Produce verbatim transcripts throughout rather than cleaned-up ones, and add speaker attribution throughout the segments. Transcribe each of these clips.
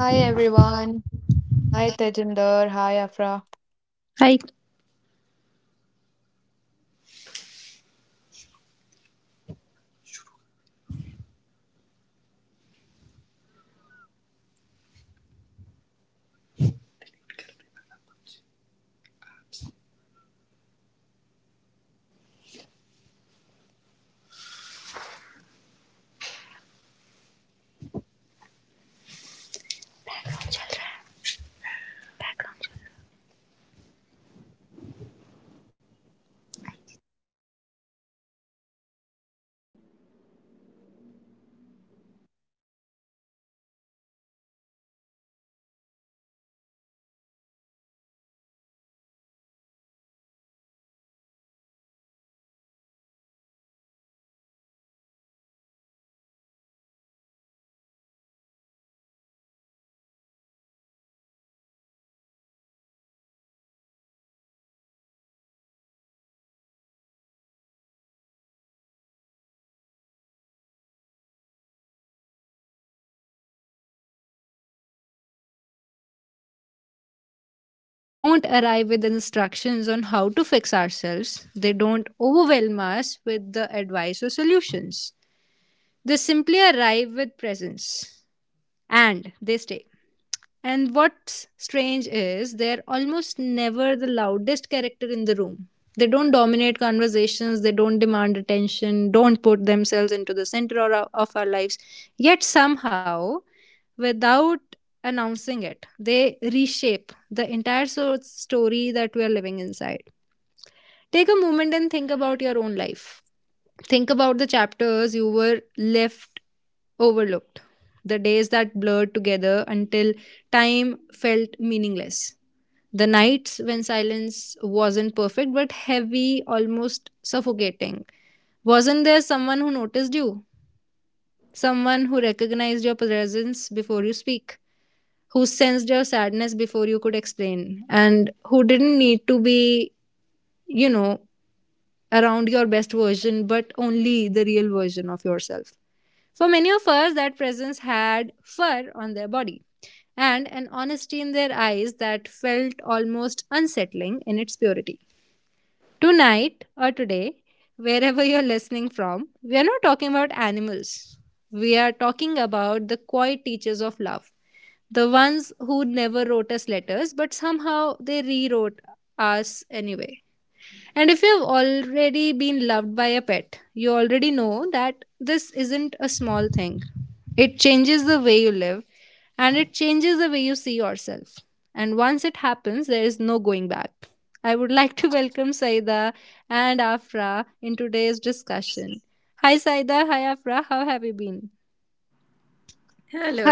Speaker 1: Hi everyone. Hi Tejinder. Hi Afra.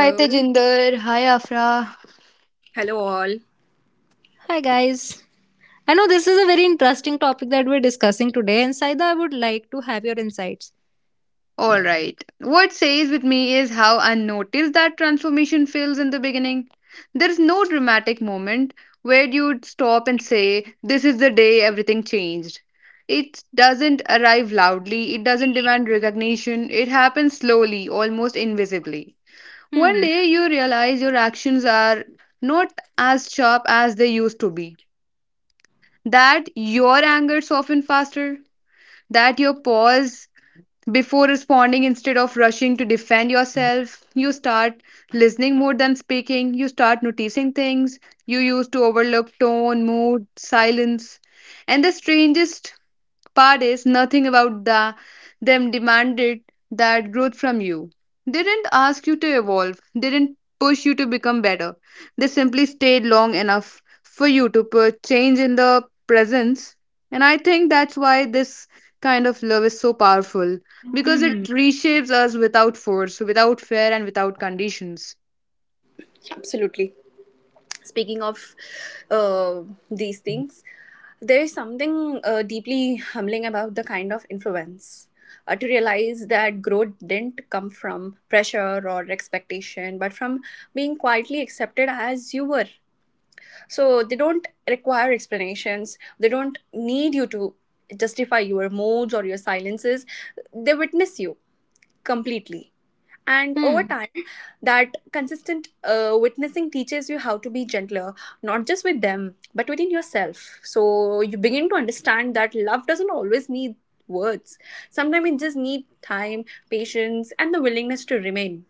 Speaker 1: Hi Tejinder. Hi Afra.
Speaker 2: Hello, all.
Speaker 1: All right. What stays with me is how unnoticed that transformation feels in the beginning. There's no dramatic moment where you'd stop and say, this is the day everything changed. It doesn't arrive loudly, it doesn't demand recognition, it happens slowly, almost invisibly. One day you realize your actions are not as sharp as they used to be, that your anger softens faster, that you pause before responding instead of rushing to defend yourself. You start listening more than speaking. You start noticing things you used to overlook, tone, mood, silence. And the strangest part is nothing about the them demanded that growth from you. They didn't ask you to evolve. They didn't push you to become better. They simply stayed long enough for you to put change in the presence. And I think that's why this kind of love is so powerful because it reshapes us without force, without fear, and without conditions.
Speaker 2: Absolutely. Speaking of uh, these things, there is something uh, deeply humbling about the kind of influence. Uh, to realize that growth didn't come from pressure or expectation, but from being quietly accepted as you were. So they don't require explanations, they don't need you to justify your moods or your silences. They witness you, completely, and over time that consistent uh, witnessing teaches you how to be gentler, not just with them but within yourself. So you begin to understand that love doesn't always need words. Sometimes it just needs time, patience, and the willingness to remain.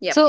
Speaker 2: Yep.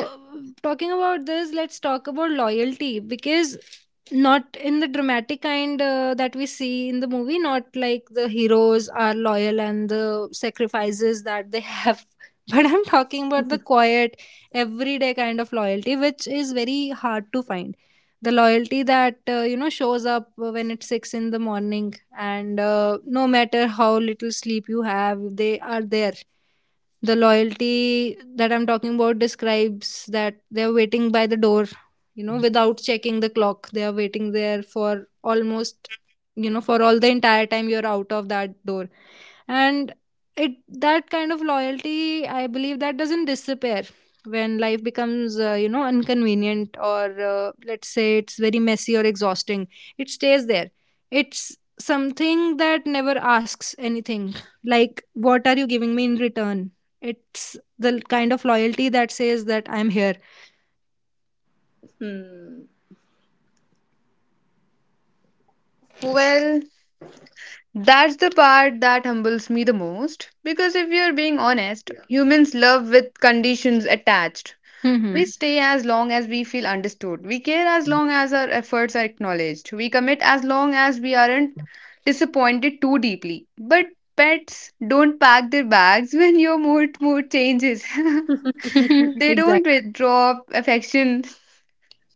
Speaker 2: Hmm.
Speaker 1: Well, that's the part that humbles me the most because if you're being honest, yeah, humans love with conditions attached. We stay as long as we feel understood. We care as long as our efforts are acknowledged. We commit as long as we aren't disappointed too deeply. But pets don't pack their bags when your mood mood changes. They don't withdraw affection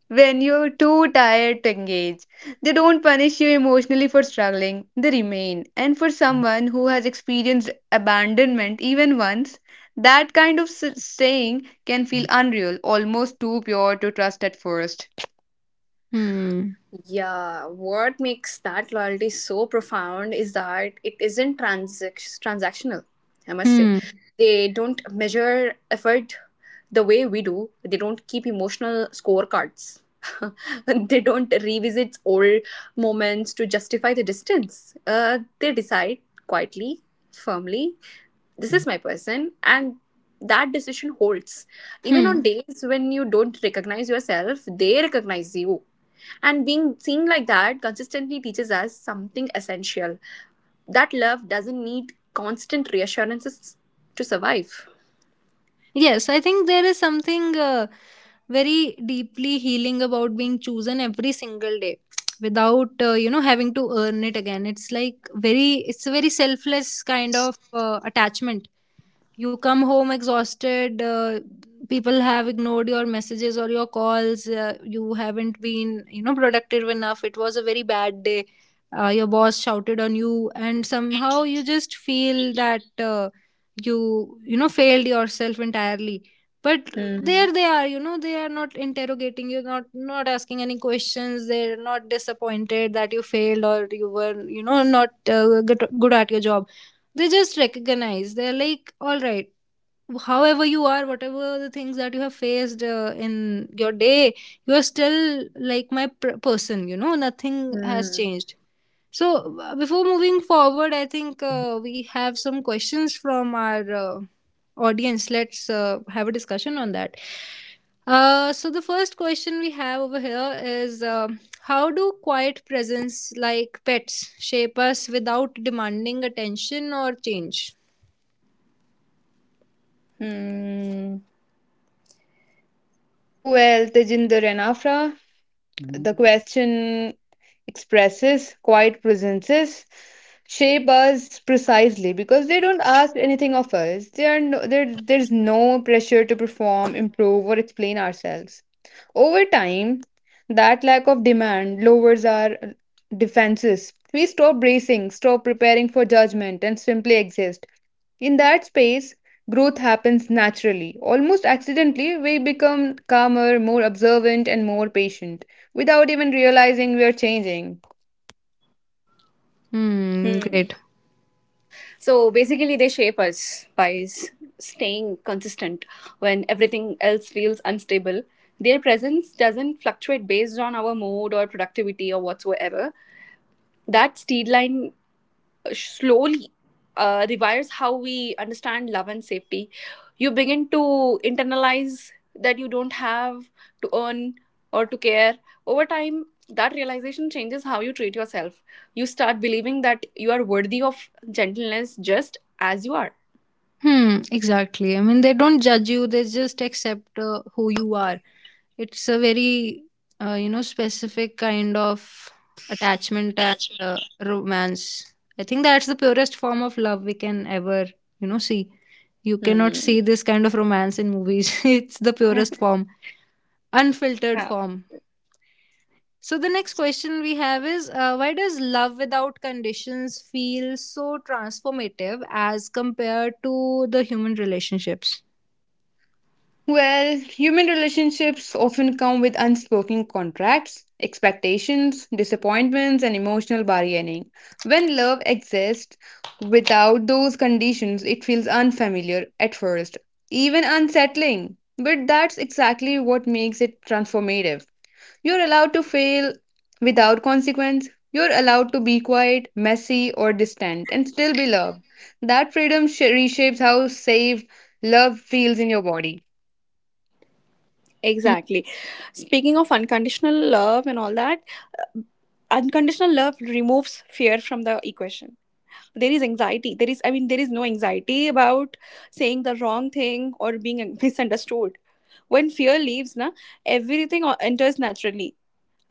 Speaker 1: when you're too tired to engage. They don't punish you emotionally for struggling, they remain. And for someone who has experienced abandonment even once, that kind of s- saying can feel unreal, almost too pure to trust at first.
Speaker 2: Yeah, what makes that loyalty so profound is that it isn't transac- transactional, I must say. They don't measure effort the way we do, they don't keep emotional scorecards. They don't revisit old moments to justify the distance. Uh, they decide quietly, firmly, this is my person, and that decision holds. Even on days when you don't recognize yourself, they recognize you, and being seen like that consistently teaches us something essential, that love doesn't need constant reassurances to survive. Hmm. Hmm. Hmm.
Speaker 1: Well, Tejinder and Afra, mhm, the question expresses quite presences shape us precisely because they don't ask anything of us. They are no, there, There's no pressure to perform, improve, or explain ourselves. Over time, that lack of demand lowers our defenses. We stop bracing, stop preparing for judgment, and simply exist. In that space, growth happens naturally. Almost accidentally, we become calmer, more observant, and more patient without even realizing we are changing.
Speaker 2: So basically, they shape us by s- staying consistent when everything else feels unstable. Their presence doesn't fluctuate based on our mood or productivity or whatsoever. That steady line slowly uh, rewires how we understand love and safety. You begin to internalize that you don't have to earn or to care. Over time, that realization changes how you treat yourself. You start believing that you are worthy of gentleness just as you are. Attachment. Hmm. Yeah,
Speaker 1: Well, human relationships often come with unspoken contracts, expectations, disappointments, and emotional bargaining. When love exists without those conditions, it feels unfamiliar at first, even unsettling. But that's exactly what makes it transformative. You're allowed to fail without consequence. You're allowed to be quiet, messy, or distant and still be loved. That freedom sh- reshapes how safe love feels in your body.
Speaker 2: exactly. Speaking of unconditional love and all that, uh, unconditional love removes fear from the equation. There is anxiety there is I mean there is no anxiety about saying the wrong thing or being misunderstood. When fear leaves, na everything o- enters naturally,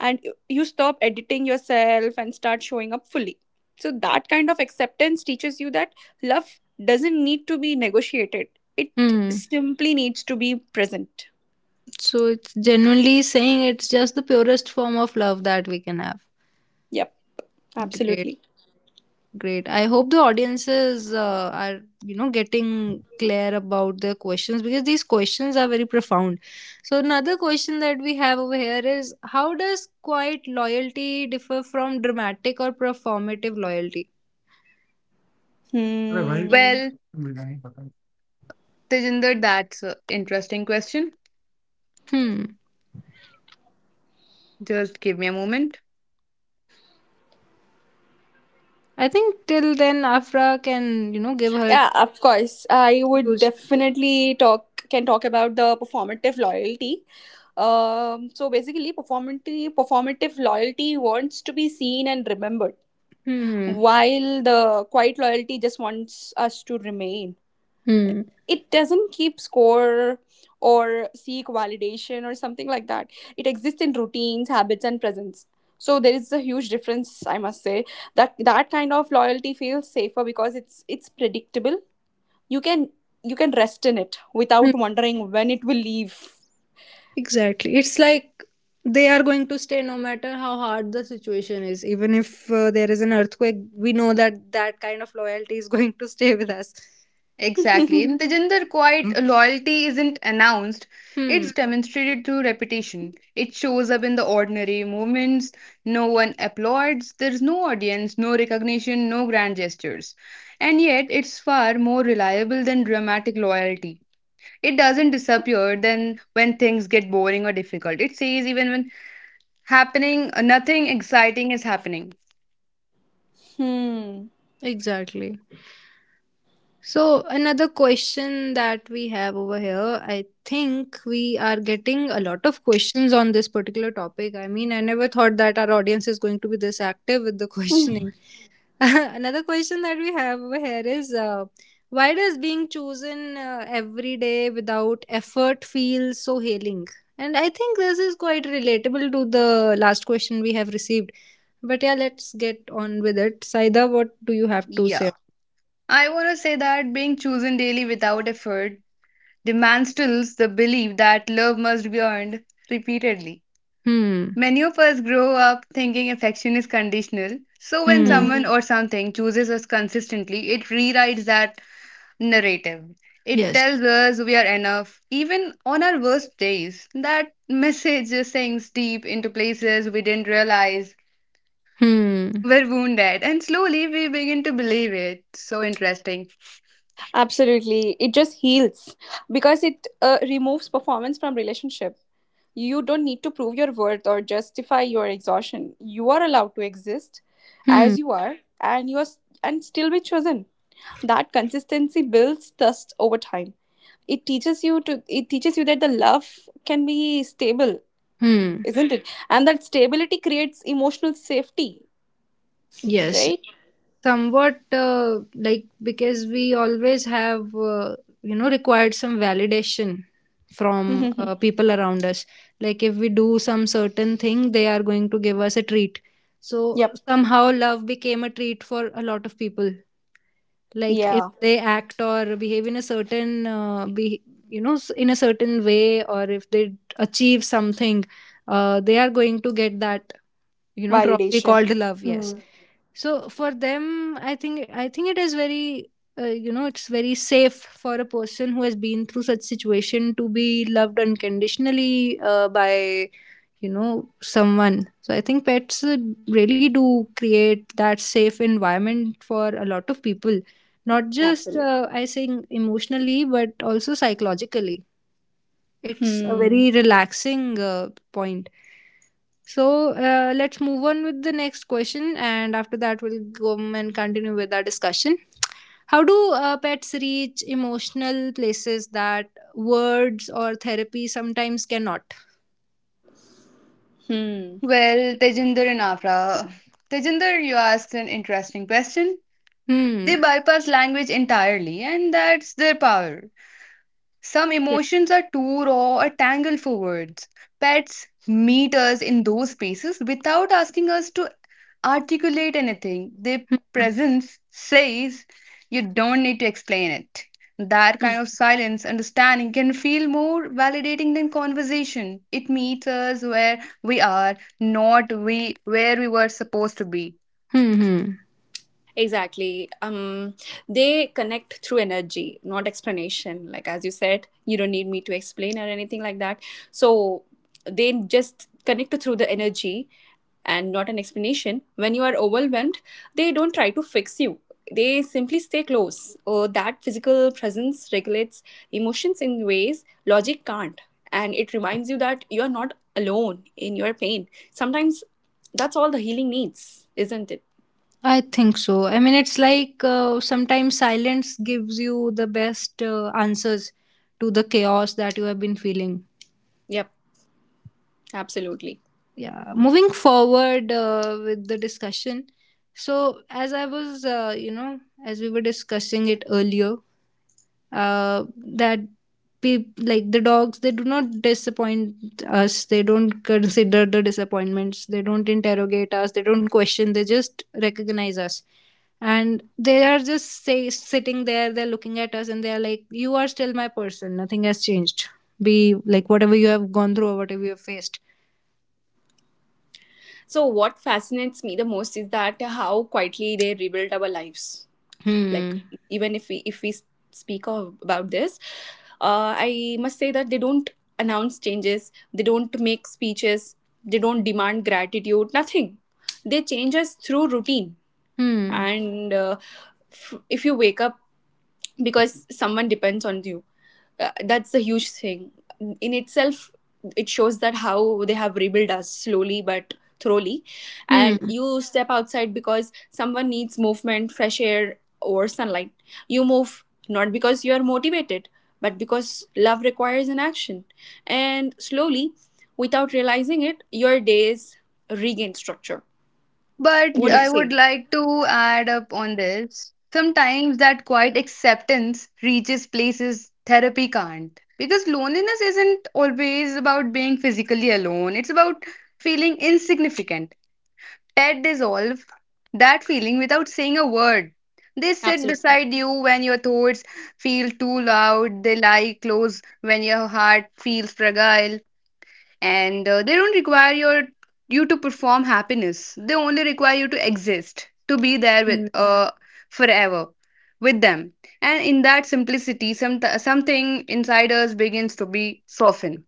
Speaker 2: and you stop editing yourself and start showing up fully. So that kind of acceptance teaches you that love doesn't need to be negotiated, it simply needs to be present. Yep. Absolutely. Hmm.
Speaker 1: Well, Tejinder, that's an interesting question. Just give me a moment.
Speaker 2: Yeah, of course. I would definitely talk can talk about the performative loyalty. Um, so basically, performative performative loyalty wants to be seen and remembered, while the quiet loyalty just wants us to remain. It doesn't keep score or seek validation or something like that. It exists in routines, habits, and presence. So there is a huge difference, I must say. That that kind of loyalty feels safer because it's it's predictable. You can, you can rest in it without wondering when it will leave.
Speaker 1: Exactly. In Tejinder, quite, hmm, loyalty isn't announced. It's demonstrated through repetition. It shows up in the ordinary moments. No one applauds. There's no audience, no recognition, no grand gestures. And yet, it's far more reliable than dramatic loyalty. It doesn't disappear then when things get boring or difficult. It says even when happening, nothing exciting is happening.
Speaker 2: Hmm.
Speaker 1: Yeah. I want to say that being chosen daily without effort dismantles the belief that love must be earned repeatedly. Many of us grow up thinking affection is conditional, so when
Speaker 2: Hmm.
Speaker 1: someone or something chooses us consistently, it rewrites that narrative. It tells us we are enough, even on our worst days. That message sinks deep into places we didn't realize were wounded, and slowly we begin to believe it. So interesting.
Speaker 2: Absolutely, it just heals because it uh, removes performance from relationship. You don't need to prove your worth or justify your exhaustion. You are allowed to exist as you are, and you are s- and still be chosen. That consistency builds trust over time. It teaches you to it teaches you that the love can be stable, isn't it? And that stability creates emotional safety, right? Mm-hmm. Yep. Yeah. Validation. Hmm. Absolutely. Hmm. Hmm.
Speaker 1: Well, Tejinder and Afra. Tejinder, you asked an interesting question. They bypass language entirely, and that's their power. Some emotions are too raw or tangled for words. Pets meet us in those spaces without asking us to articulate anything. Their presence says you don't need to explain it. That kind of silence, understanding can feel more validating than conversation. It meets us where we are, not we where we were supposed to be.
Speaker 2: Exactly. Um, they connect through energy, not explanation. Like as you said, you don't need me to explain or anything like that. So they just connect through the energy and not an explanation. When you are overwhelmed, they don't try to fix you. They simply stay close. Oh, that physical presence regulates emotions in ways logic can't. And it reminds you that you are not alone in your pain. Sometimes that's all the healing needs, isn't it? Yep. Absolutely. So, what fascinates me the most is that how quietly they rebuild our lives. Like, even if we if we speak of, about this, uh, I must say that they don't announce changes. They don't make speeches. They don't demand gratitude. Nothing. They change us through routine. and uh, f- if you wake up because someone depends on you, uh, that's a huge thing in itself. It shows that how they have rebuilt us slowly but thoroughly. And you step outside because someone needs movement, fresh air, or sunlight. You move not because you are motivated, but because love requires an action. And slowly, without realizing it, your days regain structure.
Speaker 1: But
Speaker 2: What do
Speaker 1: I
Speaker 2: you
Speaker 1: would
Speaker 2: say?
Speaker 1: like to add up on this. Sometimes that quiet acceptance reaches places therapy can't. Because loneliness isn't always about being physically alone, it's about feeling insignificant. Pet dissolve that feeling without saying a word. They sit
Speaker 2: Absolutely.
Speaker 1: beside you when your thoughts feel too loud, they lie close when your heart feels fragile, and uh, they don't require your you to perform happiness. They only require you to exist, to be there with, yeah, uh forever with them. And in that simplicity, some something inside us begins to be softened.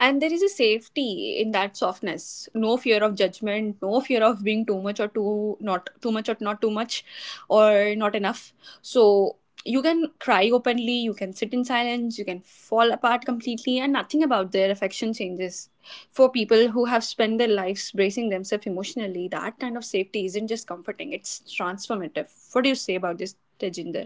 Speaker 2: And there is a safety in that softness. No fear of judgment, no fear of being too much or too not too much or not too much or not enough. So you can cry openly, you can sit in silence, you can fall apart completely, and nothing about their affection changes. For people who have spent their lives bracing themselves emotionally, that kind of safety isn't just comforting, it's transformative. What do you say about this, Tejinder?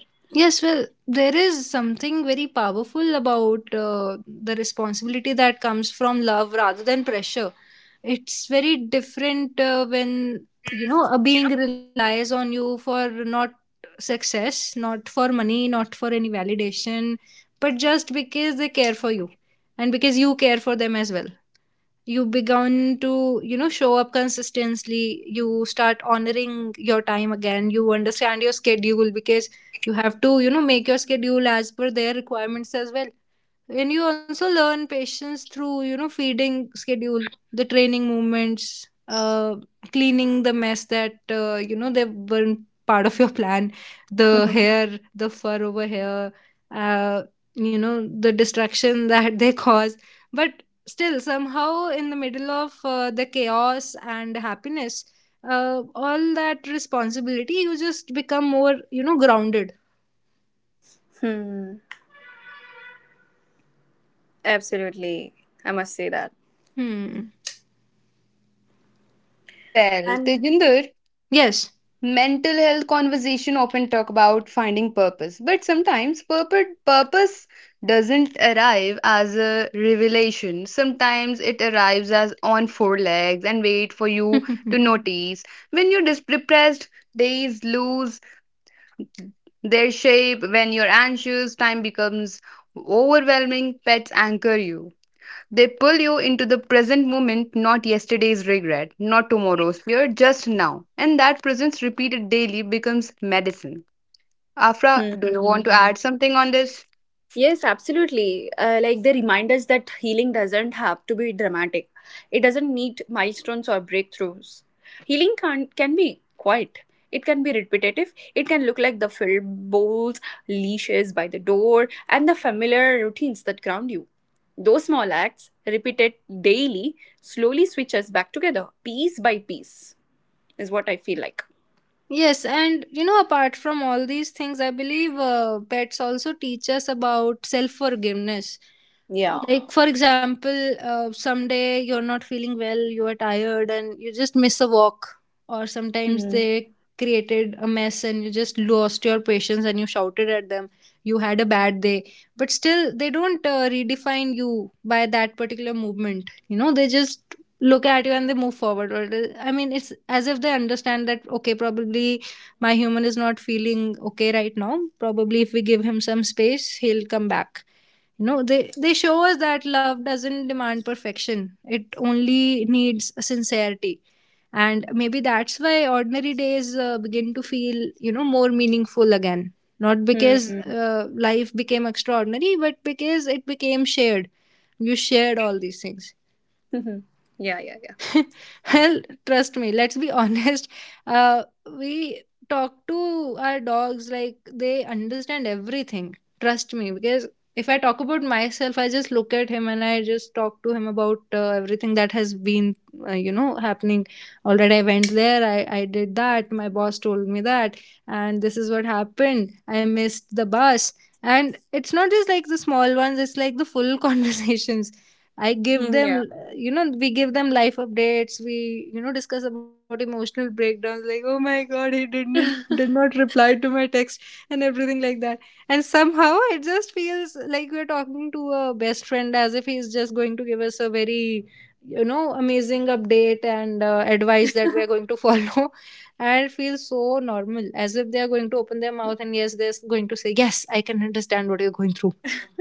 Speaker 2: Hmm. Absolutely. I must say that.
Speaker 1: Well,
Speaker 2: And
Speaker 1: Tejinder, mental health conversation often talk about finding purpose, but sometimes purpose, purpose doesn't arrive as a revelation. Sometimes it arrives as on four legs and wait for you to notice. When you're dis- depressed, days lose their shape. When you're anxious, time becomes overwhelming. Pets anchor you, they pull you into the present moment, not yesterday's regret, not tomorrow's fear, just now. And that presence repeated daily becomes medicine. Afra, do you
Speaker 2: hmm.
Speaker 1: want to add something on this?
Speaker 2: Yes, absolutely. Uh, like, they remind us that healing doesn't have to be dramatic. It doesn't need milestones or breakthroughs. Healing can can be quiet. It can be repetitive. It can look like the filled bowls, leashes by the door, and the familiar routines that ground you. Those small acts, repeated daily, slowly switch us back together, piece by piece, is what I feel like. Yeah. Hmm. Hmm. Yeah, yeah, yeah. Hmm. Yeah.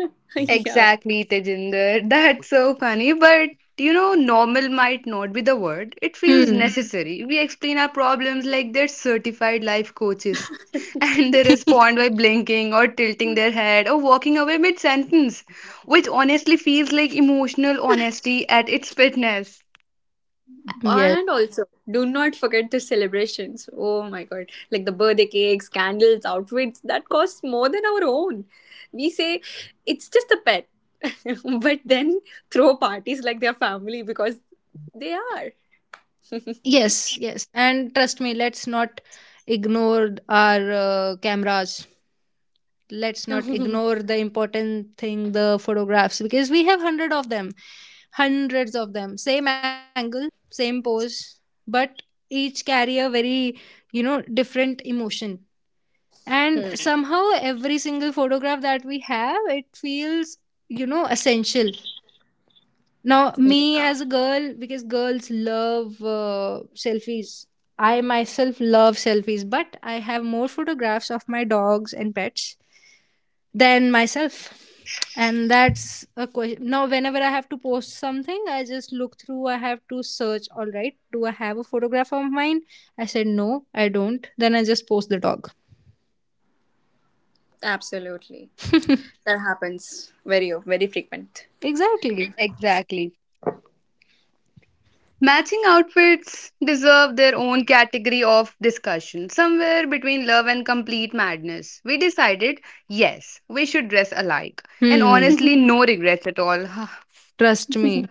Speaker 2: Yeah.
Speaker 1: Exactly, Tejinder. That's so funny. But you know, normal might not be the word. It feels necessary. We explain our problems like they're certified life coaches. And they respond by blinking or tilting their head or walking away mid sentence, which honestly feels like emotional honesty at its fitness.
Speaker 2: And also, do not forget the celebrations. Oh my god. Like the birthday cakes, candles, outfits that cost more than our own. We say it's just a pet, but then throw parties like their family because they are. Hmm. Yeah, absolutely. That happens very, very frequent.
Speaker 1: Exactly. Matching outfits deserve their own category of discussion, somewhere between love and complete madness. We decided, yes, we should dress alike, and honestly, no regrets at all.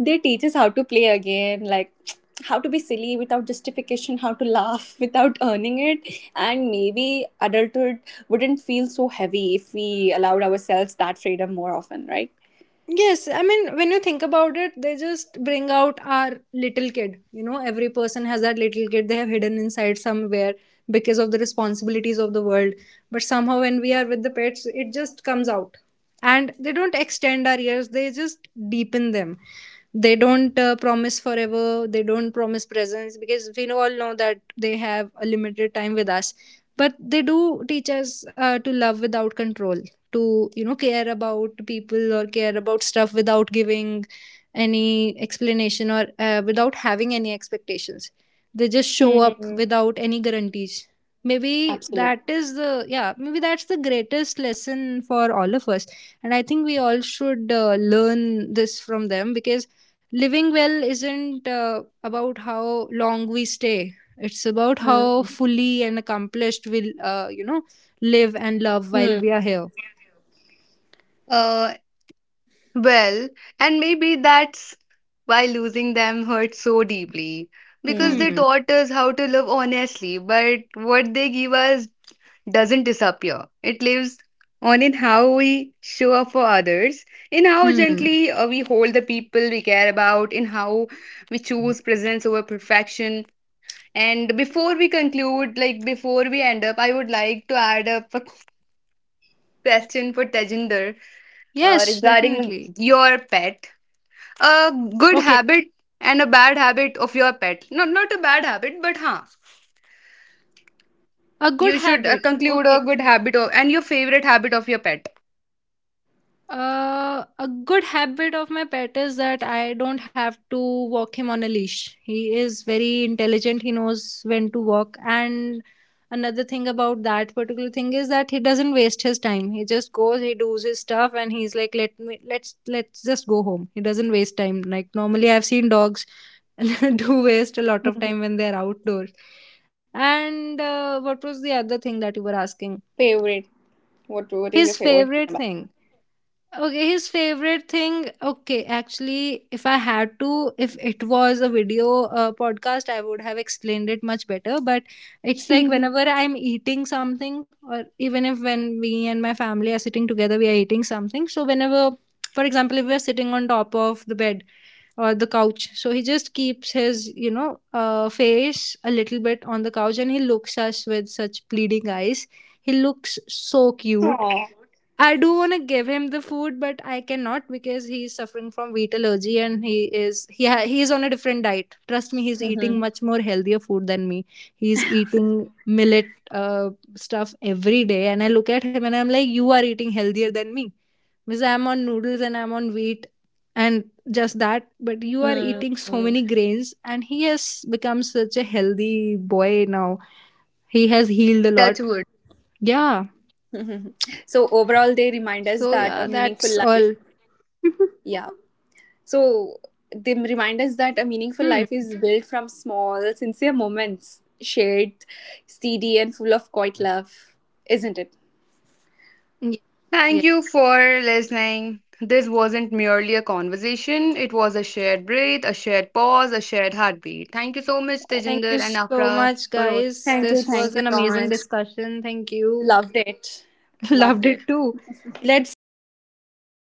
Speaker 2: They teach us how to play again, like, how to be silly without justification, how to laugh without earning it. And maybe adulthood wouldn't feel so heavy if we allowed ourselves that freedom more often, right? Hmm. Absolutely. Hmm. Hmm.
Speaker 1: uh, well, and maybe that's why losing them hurt so deeply, because
Speaker 2: Hmm.
Speaker 1: they taught us how to love honestly, but what they give us doesn't disappear. It lives on in how we show up for others, in how gently uh, we hold the people we care about, in how we choose presence over perfection. And before we conclude, like before we end up, I would like to add up a question for Tejinder uh, regarding your pet. A good habit and a bad habit of your pet. Not not a bad habit, but huh. You should uh, conclude a good habit of, and your favorite habit of your pet.
Speaker 2: Mhm. Favorite, what what is your favorite thing about aw. Mhm. Hmm. Hmm.
Speaker 1: Touch wood.
Speaker 2: So overall they remind us that a meaningful life, yeah. So they remind us that a meaningful life is built from small, sincere moments, shared, steady, and full of quiet love, isn't it?
Speaker 1: Thank you for listening. This wasn't merely a conversation, it was a shared breath, a shared pause, a shared heartbeat. Thank you so much, Tejinder and Afra, for hosting.
Speaker 2: Thank you, thank you so much. Loved it. Loved it.